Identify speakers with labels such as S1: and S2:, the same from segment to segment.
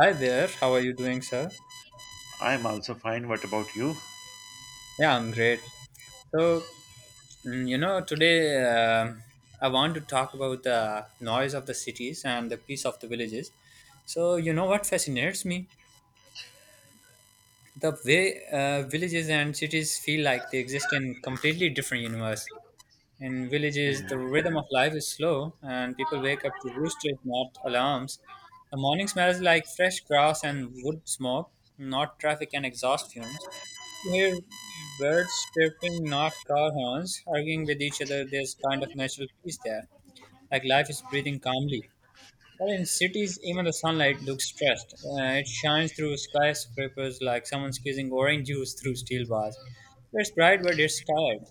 S1: Hi there, how are you doing, sir?
S2: I am also fine. What about you?
S1: Yeah, I'm great. So, today um I want to talk about the noise of the cities and the peace of the villages. So, you know what fascinates me? The way villages and cities feel like they exist in completely different universe. In villages, the rhythm of life is slow, and people wake up to roosters, not alarms. The morning smells like fresh grass and wood smoke, not traffic and exhaust fumes. Hear birds chirping, not car horns, arguing with each other. There's kind of natural peace there, like life is breathing calmly. But in cities, even the sunlight looks stressed. It shines through skyscrapers like someone's squeezing orange juice through steel bars. It's bright, but it's tired.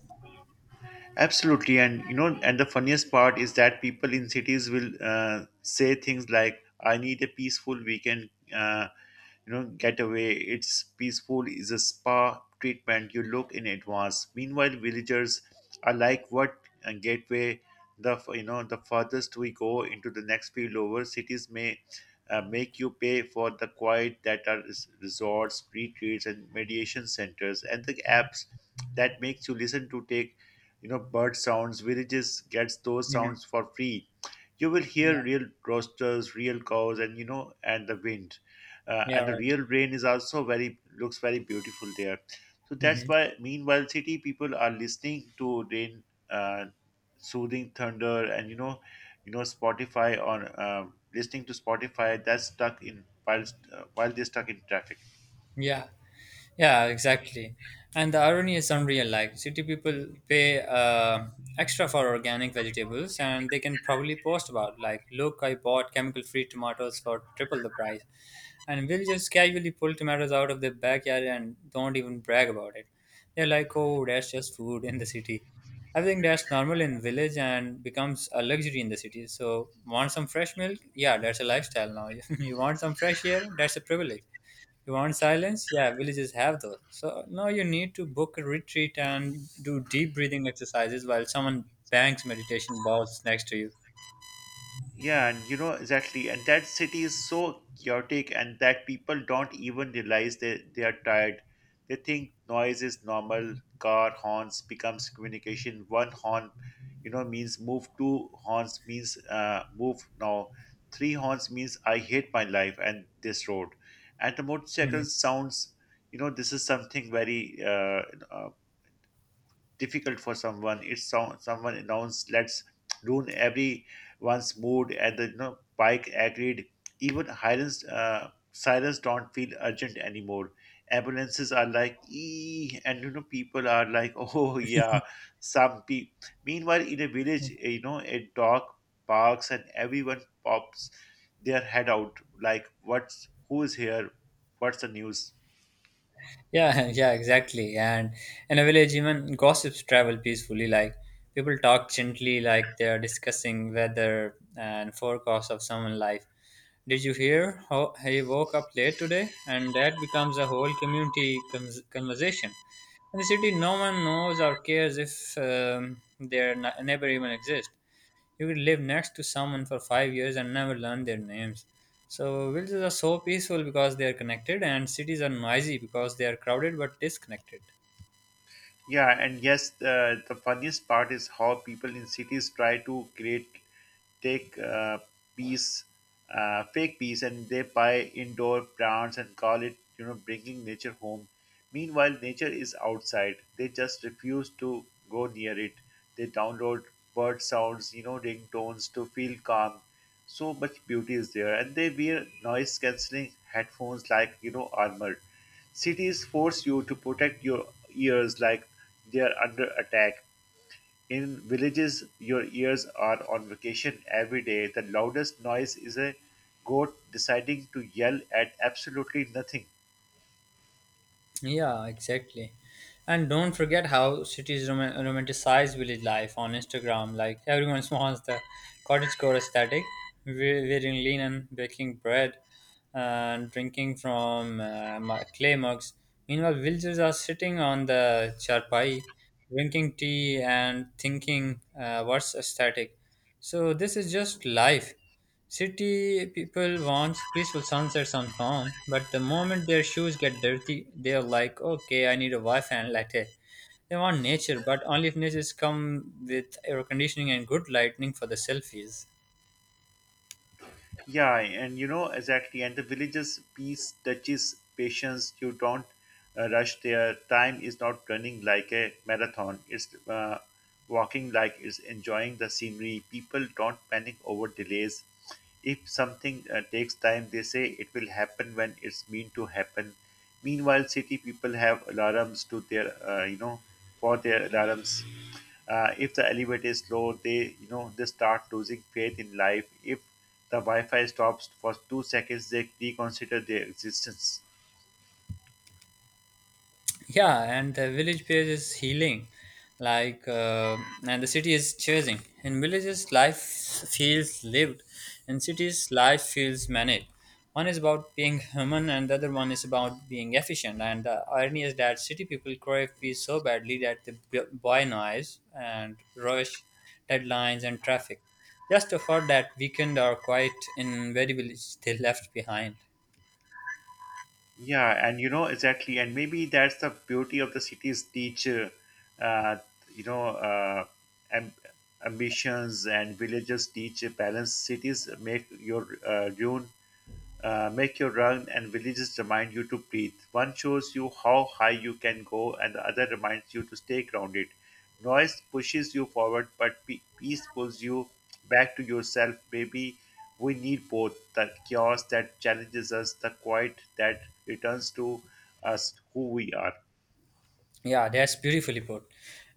S2: Absolutely, and the funniest part is that people in cities will say things like, "I need a peaceful weekend, uh, getaway. It's peaceful, is a spa treatment. You look in advance." Meanwhile, villagers are like, "What gateway? The f- you know, The furthest we go into the next field over, cities may." Make you pay for the quiet that are resorts, retreats, and mediation centers, and the apps that makes you listen to take bird sounds. Villages gets those
S1: Hmm.
S2: sounds for free. You will
S1: Yeah,
S2: hear real roosters, real cows, and and the wind,
S1: yeah,
S2: and the
S1: right.
S2: real rain is also very looks very beautiful there. So that's
S1: Hmm.
S2: why meanwhile city people are listening to rain, uh, soothing thunder, and spotify on listening to spotify that's stuck in while they're stuck in traffic.
S1: Yeah. Yeah, exactly. And the irony is unreal. Like city people pay extra for organic vegetables, and they can probably post about like, look, I bought chemical-free tomatoes for triple the price and we'll just casually pull tomatoes out of their backyard and don't even brag about it. They're like, oh, that's just food in the city. I think that's normal in village and becomes a luxury in the city. So, want some fresh milk? Yeah, that's a lifestyle now. You want some fresh air? That's a privilege. You want silence? Yeah, villages have those. So now you need to book a retreat and do deep breathing exercises while someone bangs meditation balls next to you.
S2: Yeah, and you know exactly, and that city is so chaotic, and that people don't even realize they are tired. They think noise is normal. Car horns becomes communication. One horn, you know, means move. Two horns means move now. Three horns means I hate my life and this road. And the motorcycle
S1: Mhm.
S2: sounds, you know, this is something very uh, difficult for someone. It's so, someone announced, let's ruin everyone's mood, and the Pike agreed. Even Hiren's, sirens don't feel urgent anymore. Ambulances are like, ee, and you know, people are like, oh yeah, some pe. Meanwhile, in a village, you know, a dog barks and everyone pops their head out, like, what's who's here? What's the news?
S1: Yeah, yeah, exactly. And in a village, even gossips travel peacefully. Like people talk gently, like they're discussing weather and forecast of someone's life. Did you hear how he woke up late today? And that becomes a whole community conversation. In the city, no one knows or cares if their neighbor even exists. You could live next to someone for 5 years and never learn their names. So villages are so peaceful because they are connected, and cities are noisy because they are crowded but disconnected.
S2: Yeah, and yes, the funniest part is how people in cities try to create take uh, peace, fake peace, and they buy indoor plants and call it, you know, bringing nature home. Meanwhile, nature is outside. They just refuse to go near it. They download bird sounds, you know, ringtones to feel calm. So much beauty is there, and they wear noise cancelling headphones like armor. Cities force you to protect your ears like they are under attack. In villages, your ears are on vacation every day. The loudest noise is a goat deciding to yell at absolutely nothing.
S1: Yeah, exactly. And don't forget how cities romanticize village life on Instagram. Like everyone wants the cottagecore aesthetic, wearing linen, baking bread, and drinking from clay mugs. Meanwhile, villagers are sitting on the charpai, drinking tea and thinking what's aesthetic. So this is just life. City people want peaceful sunsets on farm, but the moment their shoes get dirty, they're like, okay, I need a Wi-Fi and latte. They want nature, but only if nature's come with air conditioning and good lighting for the selfies.
S2: Yeah, and you know exactly. And the villagers' peace touches patience. You don't rush their. Time is not running like a marathon. It's walking like it's enjoying the scenery. People don't panic over delays. If something takes time, they say it will happen when it's meant to happen. Meanwhile, city people have alarms to for their alarms. If the elevator is slow, they start losing faith in life. If the Wi-Fi stops for 2 seconds, they reconsider their existence.
S1: Yeah, and the village page is healing, like, and the city is chasing. In villages, life feels lived. In cities, life feels managed. One is about being human and the other one is about being efficient. And the irony is that city people crave peace so badly that they buy noise and rush deadlines and traffic just to afford that weekend or quiet in very village they left behind.
S2: Yeah, and you know exactly, and maybe that's the beauty of the cities. Teach, uh, you know, amb- Ambitions and villages teach balance. Cities make your ruin make you run, and villages remind you to breathe. One shows you how high you can go, and the other reminds you to stay grounded. Noise pushes you forward, but peace pulls you back to yourself. Maybe we need both the chaos that challenges us, the quiet that returns to us who we are.
S1: Yeah, that's beautifully put.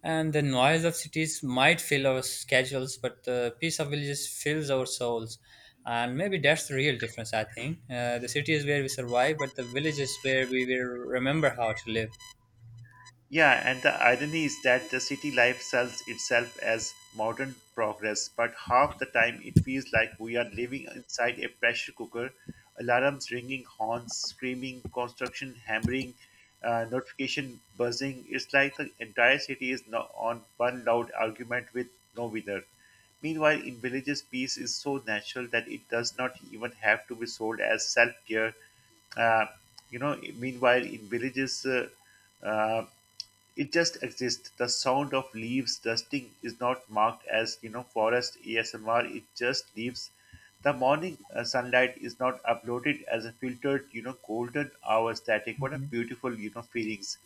S1: And the noise of cities might fill our schedules, but the peace of villages fills our souls. And maybe that's the real difference, I think. The city is where we survive, but the village is where we will remember how to live.
S2: Yeah, and the irony is that the city life sells itself as modern progress, but half the time it feels like we are living inside a pressure cooker, alarms ringing, horns screaming, construction hammering, notification buzzing. It's like the entire city is now on one loud argument with no winner. Meanwhile, in villages, peace is so natural that it does not even have to be sold as self care. Uh, Meanwhile, in villages, uh, it just exists. The sound of leaves dusting is not marked as, you know, forest ASMR. It just leaves. The morning sunlight is not uploaded as a filtered, you know, golden hour static. What a
S1: Mhm.
S2: beautiful, you know, feelings.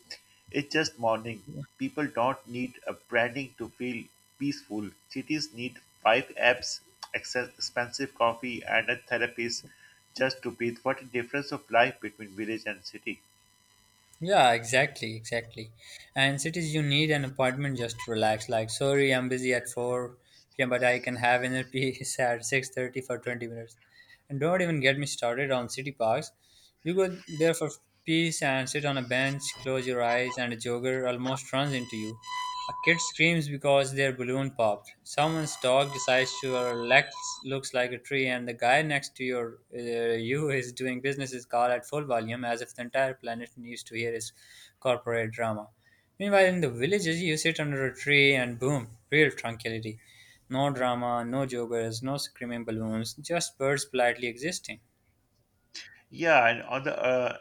S2: It's just morning. People don't need a branding to feel peaceful. Cities need five apps, expensive coffee, and a therapist just to breathe. What a difference of life between village and city.
S1: Yeah, exactly, exactly. And cities, you need an appointment just to relax. Like, sorry, I'm busy at 4 p.m., but I can have inner peace at 6:30 for 20 minutes. And don't even get me started on city parks. You go there for peace and sit on a bench, close your eyes, and a jogger almost runs into you. A kid screams because their balloon popped. Someone's dog decides to your left looks like a tree, and the guy next to your you is doing business his car at full volume as if the entire planet needs to hear his corporate drama. Meanwhile, in the villages, you sit under a tree and boom, real tranquility. No drama, no joggers, no screaming balloons, just birds politely existing.
S2: Yeah, and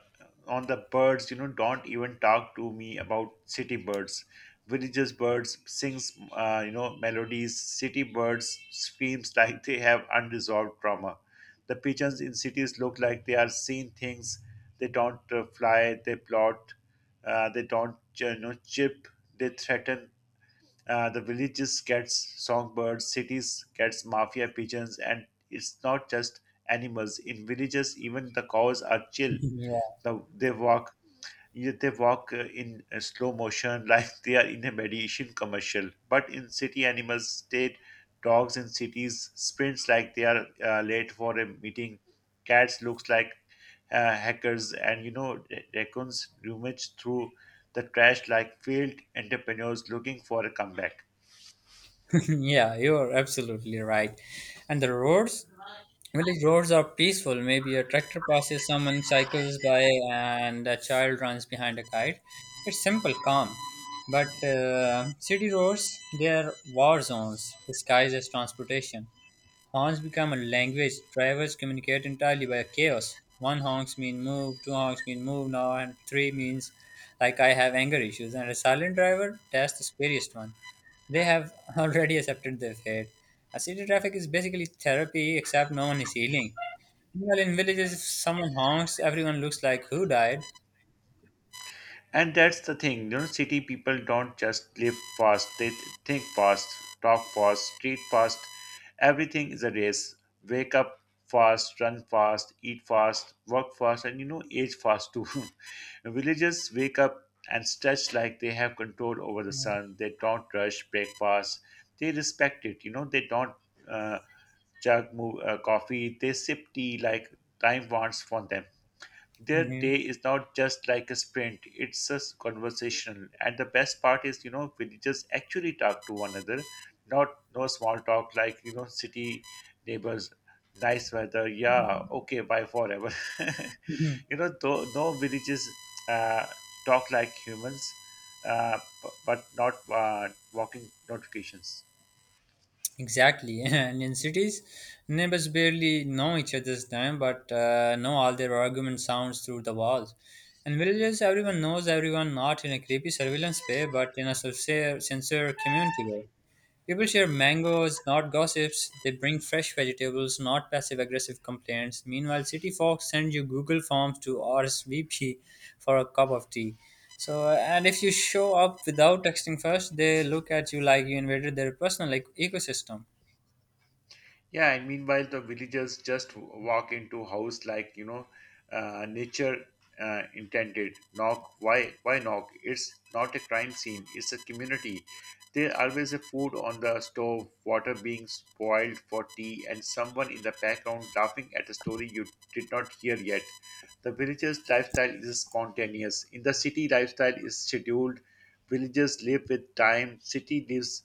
S2: on the birds, you know, don't even talk to me about city birds. Villages birds sings, melodies. City birds screams like they have unresolved trauma. The pigeons in cities look like they are seeing things. They don't fly. They plot. They don't, chip. They threaten. The villages gets songbirds, cities gets mafia pigeons, and it's not just animals. In villages, even the cows are chill.
S1: Yeah.
S2: The, they walk they walk in slow motion like they are in a meditation commercial. But in city animals, state dogs in cities sprints like they are late for a meeting. Cats looks like hackers, and raccoons rummage through the trash like failed entrepreneurs looking for a comeback.
S1: Yeah, you're absolutely right. And the roads, village roads are peaceful. Maybe a tractor passes, someone cycles by, and a child runs behind a kite. It's simple, calm. But city roads, they are war zones disguised as transportation. Honks become a language drivers communicate entirely by chaos. One honks mean move, two honks mean move now, and three means like I have anger issues. And a silent driver, that's the scariest one. They have already accepted their fate. A city traffic is basically therapy, except no one is healing. Well, in villages, if someone honks, everyone looks like who died.
S2: And that's the thing, you know, city people don't just live fast, they think fast, talk fast, treat fast. Everything is a race. Wake up fast, run fast, eat fast, work fast, and you know age fast too. Villagers wake up and stretch like they have control over the sun. They don't rush breakfast. They respect it. You know, they don't uh, coffee, they sip tea like time wants from them. Their
S1: Yeah.
S2: day is not just like a sprint, it's a conversational. And the best part is, you know, villagers actually talk to one another, not no small talk like, you know, city neighbors, nice weather, yeah, okay, bye forever.
S1: Mhm.
S2: No villages uh, talk like humans, uh, but not walking notifications.
S1: Exactly, and in cities, neighbors barely know each other's name, but know all their argument sounds through the walls. In villages, everyone knows everyone, not in a creepy surveillance way, but in a sincere, sincere community way. People share mangoes, not gossips. They bring fresh vegetables, not passive-aggressive complaints. Meanwhile, city folks send you Google forms to RSVP for a cup of tea. So, and if you show up without texting first, they look at you like you invaded their personal like, ecosystem.
S2: Yeah, and meanwhile, the villagers just walk into house like nature intended. Knock, why knock? It's not a crime scene. It's a community. There always a food on the stove, water being spoiled for tea, and someone in the background laughing at a story you did not hear yet. The villagers' lifestyle is spontaneous. In the city, lifestyle is scheduled. Villagers live with time. City lives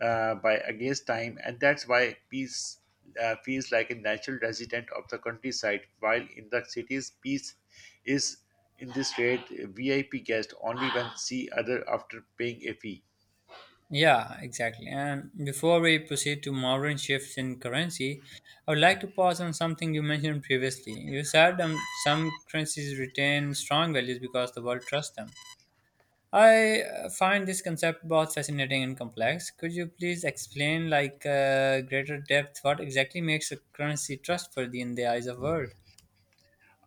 S2: by against time, and that's why peace feels like a natural resident of the countryside, while in the cities, peace is in this rate a VIP guest only when see other after paying a fee.
S1: Yeah, exactly. And before we proceed to modern shifts in currency, I would like to pause on something you mentioned previously. You said some currencies retain strong values because the world trusts them. I find this concept both fascinating and complex. Could you please explain, like, greater depth, what exactly makes a currency trustworthy in the eyes of world?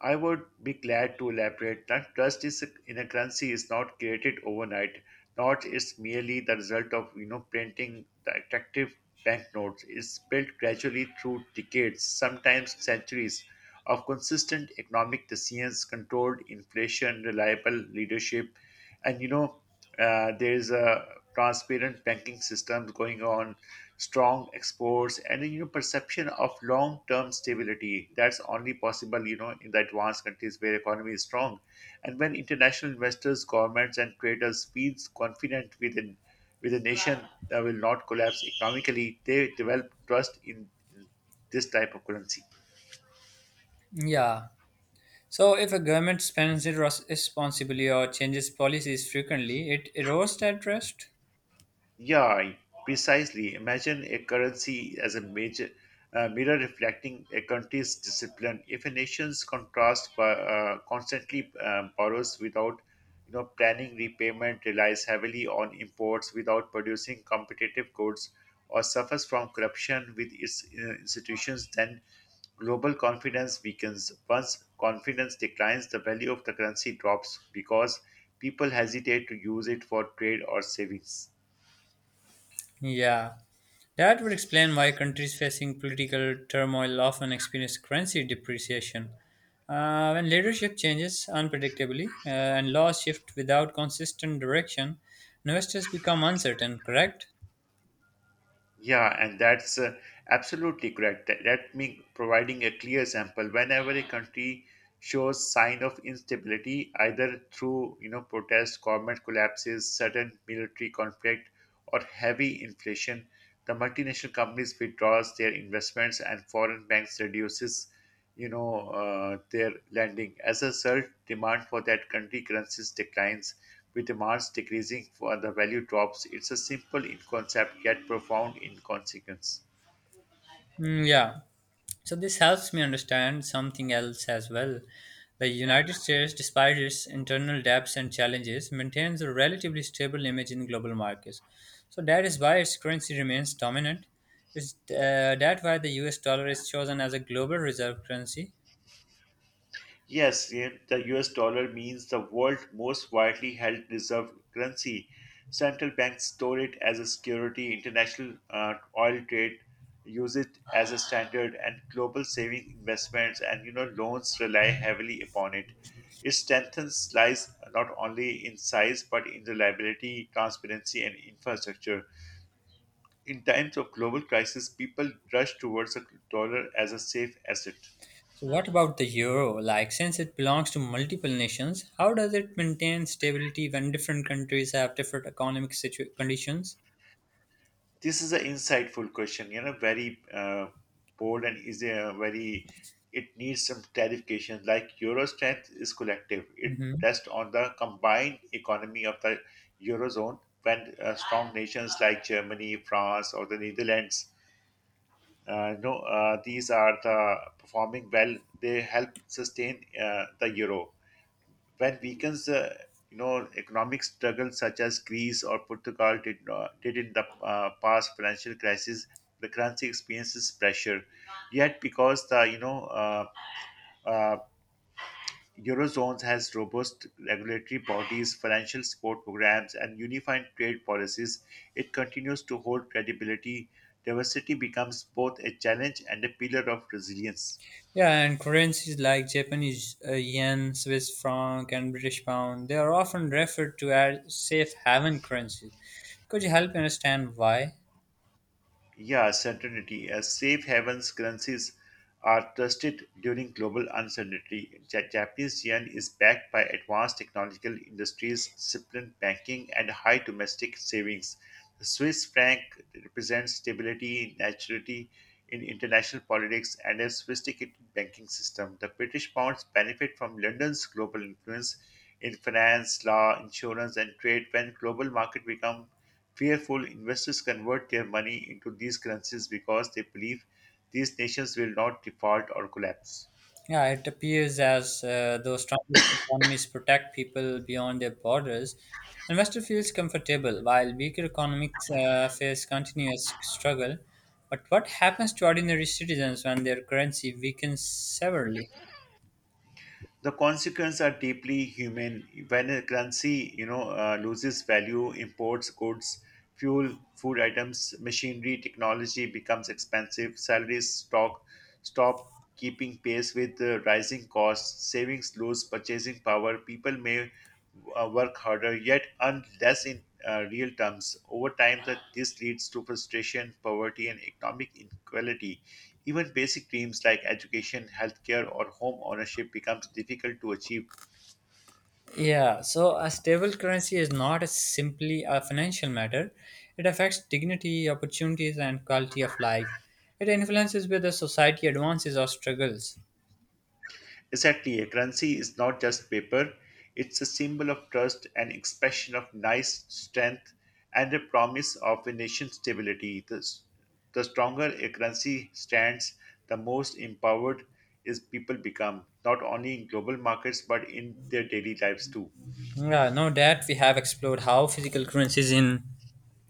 S2: I would be glad to elaborate that trust is in a currency is not created overnight. Not it's merely the result of printing the attractive banknotes. It's built gradually through decades, sometimes centuries, of consistent economic decisions, controlled inflation, reliable leadership, and there is a transparent banking system going on, strong exports, and perception of long-term stability. That's only possible, in the advanced countries where economy is strong, and when international investors, governments, and traders feels confident with a nation that will not collapse economically, they develop trust in this type of currency.
S1: Yeah. So if a government spends it responsibly or changes policies frequently, it erodes that trust.
S2: Yeah, precisely. Imagine a currency as a major mirror reflecting a country's discipline. If a nation's constantly borrows without, planning repayment, relies heavily on imports without producing competitive goods, or suffers from corruption with its institutions, then global confidence weakens. Once confidence declines, the value of the currency drops because people hesitate to use it for trade or savings.
S1: Yeah, that would explain why countries facing political turmoil often experience currency depreciation. When leadership changes unpredictably and laws shift without consistent direction, investors become uncertain, correct?
S2: Yeah, and that's absolutely correct. That means providing a clear example. Whenever a country shows sign of instability, either through protest, government collapses, sudden military conflict, or heavy inflation, the multinational companies withdraws their investments and foreign banks reduces their lending. As a surge demand for that country currencies declines, with demands decreasing for the value drops. It's a simple in concept yet profound in consequence.
S1: Mm, yeah. So this helps me understand something else as well. The United States, despite its internal debts and challenges, maintains a relatively stable image in global markets. So that is why its currency remains dominant. Is that why the US dollar is chosen as a global reserve currency?
S2: Yes, the US dollar means the world's most widely held reserve currency. Central banks store it as a security, international oil trade use it as a standard, and global saving investments and loans rely heavily upon it. Its strength lies not only in size but in reliability, transparency, and infrastructure. In times of global crisis, people rush towards the dollar as a safe asset.
S1: So what about the euro? Like since it belongs to multiple nations, how does it maintain stability when different countries have different economic conditions?
S2: This is an insightful question, very bold and it needs some clarification. Like euro strength is collective, it
S1: Mhm.
S2: rests on the combined economy of the eurozone when strong nations like Germany, France, or the Netherlands. No, these are the performing well. They help sustain the euro when weakens economic struggles such as Greece or Portugal did not, did in the past financial crisis, the currency experiences pressure. Yet, because the uh, eurozone has robust regulatory bodies, financial support programs, and unified trade policies, it continues to hold credibility. Diversity becomes both a challenge and a pillar of resilience.
S1: Yeah, and currencies like Japanese yen, Swiss franc, and British pound, they are often referred to as safe haven currencies. Could you help me understand why?
S2: Yeah, certainty. As safe havens currencies are trusted during global uncertainty, Japanese yen is backed by advanced technological industries, disciplined banking, and high domestic savings. The Swiss franc represents stability, naturality in international politics, and a sophisticated banking system. The British pounds benefit from London's global influence in finance, law, insurance, and trade when global market become fearful, investors convert their money into these currencies because they believe these nations will not default or collapse.
S1: Yeah, it appears as though strong economies protect people beyond their borders. Investor feels comfortable while weaker economies face continuous struggle. But what happens to ordinary citizens when their currency weakens severely?
S2: The consequences are deeply human. When a currency, loses value, imports, goods, fuel, food items, machinery, technology becomes expensive. Salaries stock stop keeping pace with the rising costs. Savings lose purchasing power. People may work harder yet earn less in real terms. Over time, that this leads to frustration, poverty, and economic inequality. Even basic dreams like education, healthcare, or home ownership becomes difficult to achieve.
S1: Yeah, so a stable currency is not a simply a financial matter. It affects dignity, opportunities, and quality of life. It influences whether society advances or struggles.
S2: Exactly, a currency is not just paper, it's a symbol of trust, an expression of nice strength, and a promise of a nation's stability. The stronger a currency stands, the most empowered is people become, not only in global markets but in their daily lives too.
S1: Yeah, no doubt we have explored how physical currencies in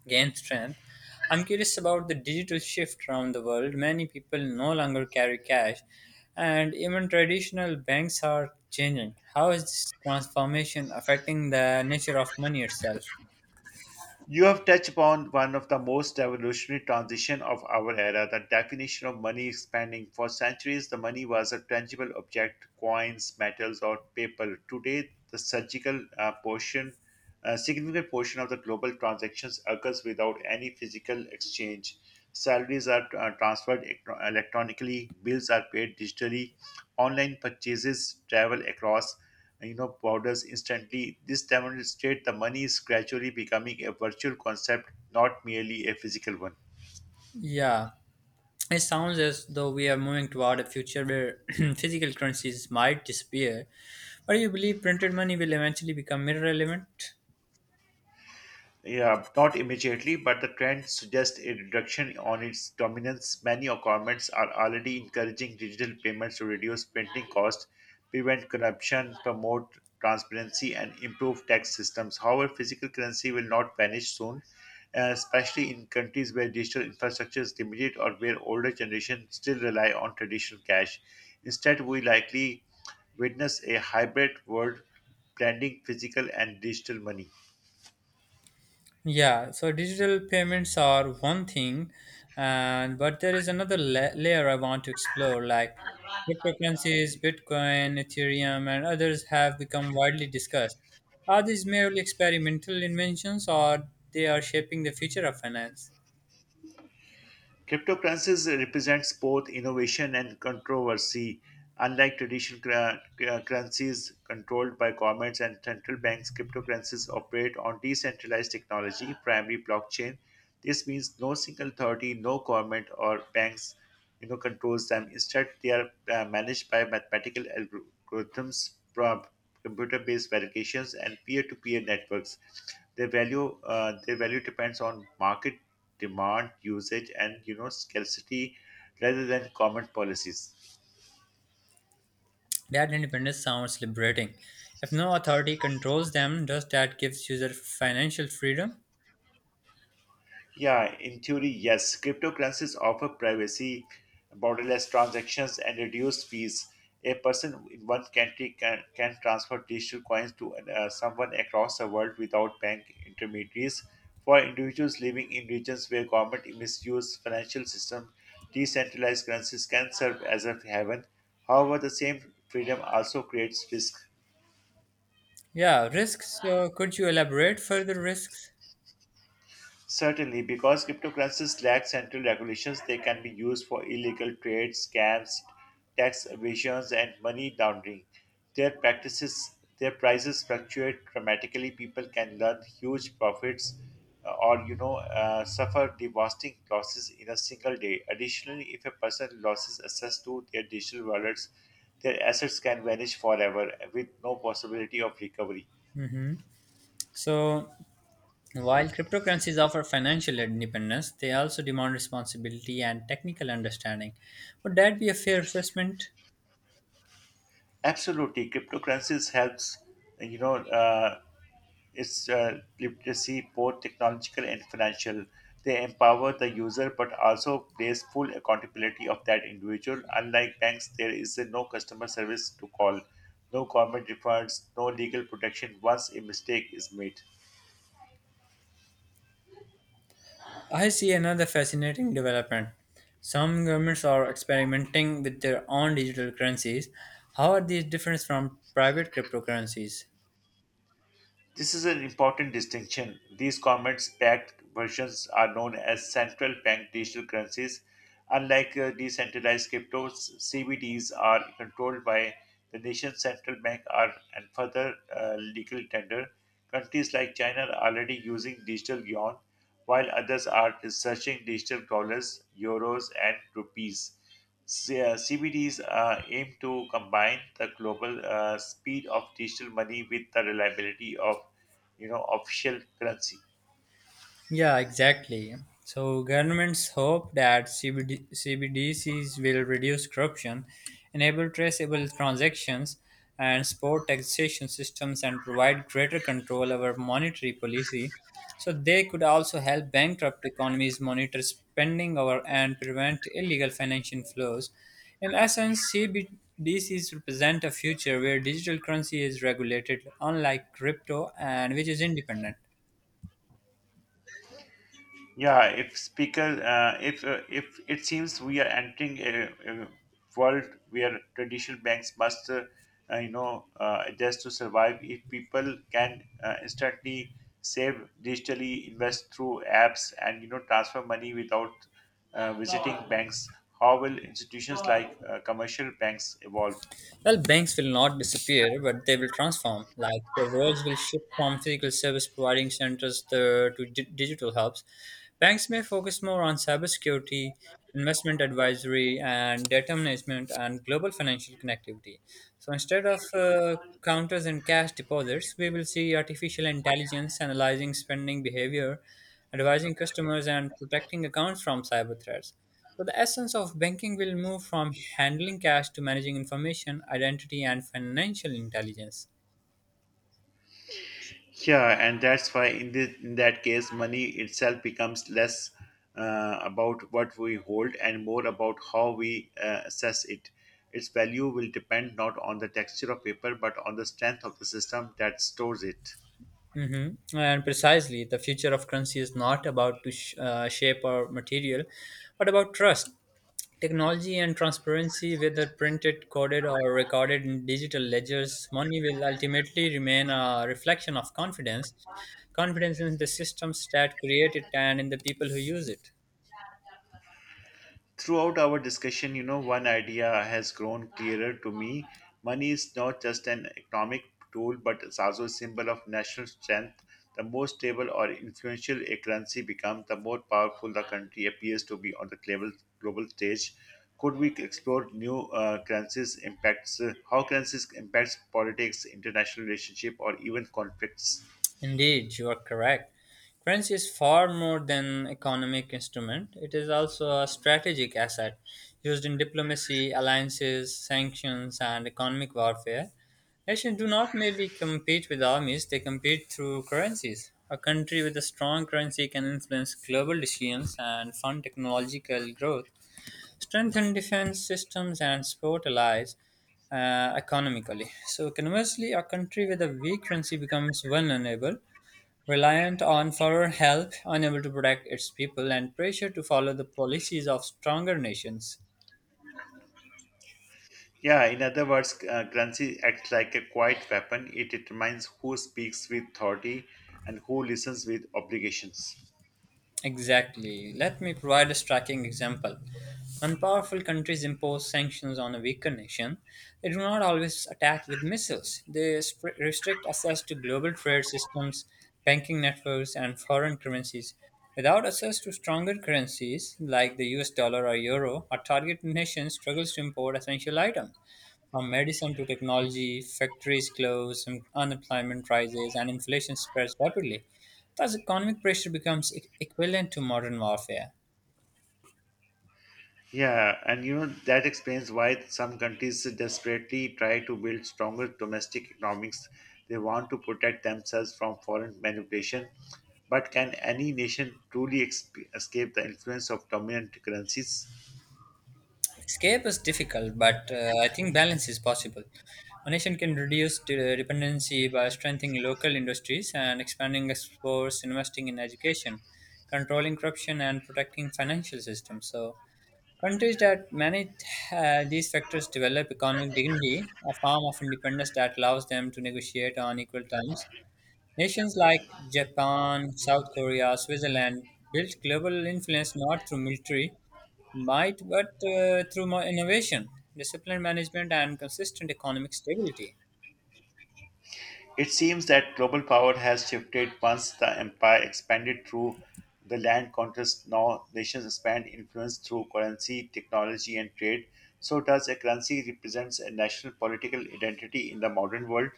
S1: gain strength. I'm curious about the digital shift around the world. Many people no longer carry cash, and even traditional banks are changing. How is this transformation affecting the nature of money itself?
S2: You have touched upon one of the most revolutionary transitions of our era, the definition of money expanding. For centuries, the money was a tangible object, coins, metals, or paper. Today, a significant portion of the global transactions occurs without any physical exchange. Salaries are transferred electronically, bills are paid digitally, online purchases travel across powders instantly. This demonstrates the money is gradually becoming a virtual concept, not merely a physical one.
S1: Yeah. It sounds as though we are moving toward a future where physical currencies might disappear, but you believe printed money will eventually become irrelevant?
S2: Yeah, not immediately, but the trend suggests a reduction on its dominance. Many governments are already encouraging digital payments to reduce printing costs, prevent corruption, promote transparency, and improve tax systems. However, physical currency will not vanish soon, especially in countries where digital infrastructure is limited or where older generations still rely on traditional cash. Instead, we likely witness a hybrid world blending physical and digital money.
S1: Yeah, so digital payments are one thing, and but there is another layer I want to explore, like cryptocurrencies, Bitcoin, Ethereum, and others have become widely discussed. Are these merely experimental inventions, or they are shaping the future of finance?
S2: Cryptocurrencies represents both innovation and controversy. Unlike traditional currencies controlled by governments and central banks, cryptocurrencies operate on decentralized technology, primarily blockchain. This means no single authority, no government or banks controls them. Instead, they are managed by mathematical algorithms, computer-based verifications, and peer-to-peer networks. Their value depends on market demand, usage, and scarcity, rather than common policies.
S1: That independence sounds liberating. If no authority controls them, does that give user financial freedom?
S2: Yeah, in theory, yes. Cryptocurrencies offer privacy, borderless transactions, and reduced fees. A person in one country can transfer digital coins to someone across the world without bank intermediaries. For individuals living in regions where government misuse financial system, decentralized currencies can serve as a haven. However, the same freedom also creates risk.
S1: Yeah, risks. So could you elaborate further risks?
S2: Certainly, because cryptocurrencies lack central regulations, they can be used for illegal trades, scams, tax evasions, and money laundering. Their prices fluctuate dramatically. People can learn huge profits or suffer devastating losses in a single day. Additionally, if a person loses access to their digital wallets, their assets can vanish forever with no possibility of recovery.
S1: Hmm. So, while cryptocurrencies offer financial independence, they also demand responsibility and technical understanding. Would that be a fair assessment?
S2: Absolutely, cryptocurrencies helps you know. Its literacy, both technological and financial. They empower the user but also place full accountability of that individual. Unlike banks, there is no customer service to call, no government refunds, no legal protection once a mistake is made.
S1: I see another fascinating development. Some governments are experimenting with their own digital currencies. How are these different from private cryptocurrencies?
S2: This is an important distinction. These government backed versions are known as central bank digital currencies. Unlike decentralized cryptos, CBDs are controlled by the nation's central bank are, and further legal tender. Countries like China are already using digital yuan, while others are researching digital dollars, euros, and rupees. CBDs aim to combine the global speed of digital money with the reliability of official currency.
S1: Yeah, exactly. So governments hope that CBD, CBDCs will reduce corruption, enable traceable transactions, and support taxation systems and provide greater control over monetary policy. So they could also help bankrupt economies monitor spending over and prevent illegal financial flows. In essence, CBDCs represent a future where digital currency is regulated, unlike crypto, and which is independent.
S2: Yeah, if speaker, if it seems we are entering a world where traditional banks must, adjust to survive. If people can instantly save digitally, invest through apps, and transfer money without visiting banks, how will institutions like commercial banks evolve?
S1: Well, banks will not disappear, but they will transform. Like their roles will shift from physical service providing centers to digital hubs. Banks may focus more on cybersecurity, investment advisory, and data management and global financial connectivity. So instead of counters and cash deposits, we will see artificial intelligence analyzing spending behavior, advising customers, and protecting accounts from cyber threats. So the essence of banking will move from handling cash to managing information, identity, and financial intelligence.
S2: Yeah, and that's why in that case, money itself becomes less about what we hold and more about how we assess it. Its value will depend not on the texture of paper but on the strength of the system that stores it.
S1: Hmm. And precisely, the future of currency is not about to shape or material, but about trust, technology, and transparency. Whether printed, coded, or recorded in digital ledgers, money will ultimately remain a reflection of confidence, confidence in the systems that create it and in the people who use it.
S2: Throughout our discussion, you know, one idea has grown clearer to me. Money is not just an economic tool, but it's also a symbol of national strength. The more stable or influential a currency becomes, the more powerful the country appears to be on the global stage. Could we explore how currencies impacts politics, international relationship, or even conflicts?
S1: Indeed, you are correct. Currency is far more than economic instrument. It is also a strategic asset used in diplomacy, alliances, sanctions, and economic warfare. Nations do not merely compete with armies, they compete through currencies. A country with a strong currency can influence global decisions and fund technological growth, strengthen defense systems, and support allies economically. So, conversely, a country with a weak currency becomes vulnerable. Reliant on foreign help, unable to protect its people, and pressure to follow the policies of stronger nations.
S2: Yeah, in other words, currency acts like a quiet weapon. It determines who speaks with authority and who listens with obligations.
S1: Exactly. Let me provide a striking example. When powerful countries impose sanctions on a weaker nation, they do not always attack with missiles. They restrict access to global trade systems, banking networks, and foreign currencies. Without access to stronger currencies like the US dollar or euro, a targeted nation struggles to import essential items. From medicine to technology, factories close, and unemployment rises, and inflation spreads rapidly. Plus, economic pressure becomes equivalent to modern warfare.
S2: Yeah, and you know that explains why some countries desperately try to build stronger domestic economics. They want to protect themselves from foreign manipulation. But can any nation truly escape the influence of dominant currencies?
S1: Escape is difficult, but I think balance is possible. A nation can reduce dependency by strengthening local industries and expanding exports, investing in education, controlling corruption, and protecting financial systems. So, countries that manage these factors develop economic dignity, a form of independence that allows them to negotiate on equal terms. Nations like Japan, South Korea, Switzerland built global influence not through military might but through more innovation, disciplined management, and consistent economic stability.
S2: It seems that global power has shifted once the empire expanded through the land conquest. Now nations expand influence through currency, technology, and trade. So, does a currency represents a national political identity in the modern world?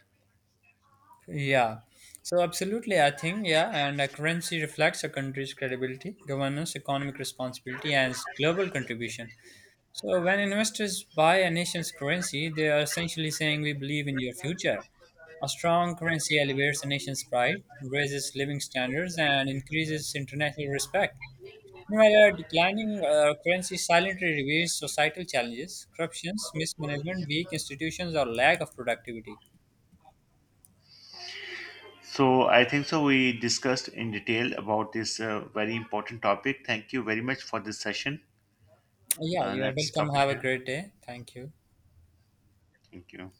S1: Yeah, so absolutely, I think, yeah, and a currency reflects a country's credibility, governance, economic responsibility, and global contribution. So when investors buy a nation's currency, they are essentially saying we believe in your future. A strong currency elevates a nation's pride, raises living standards, and increases international respect. Meanwhile, a declining currency silently reveals societal challenges, corruptions, mismanagement, weak institutions, or lack of productivity.
S2: So, I think so. We discussed in detail about this very important topic. Thank you very much for this session.
S1: Yeah, you are
S2: Let's
S1: welcome.
S2: stop it
S1: Have a
S2: here.
S1: great day. Thank you.
S2: Thank you.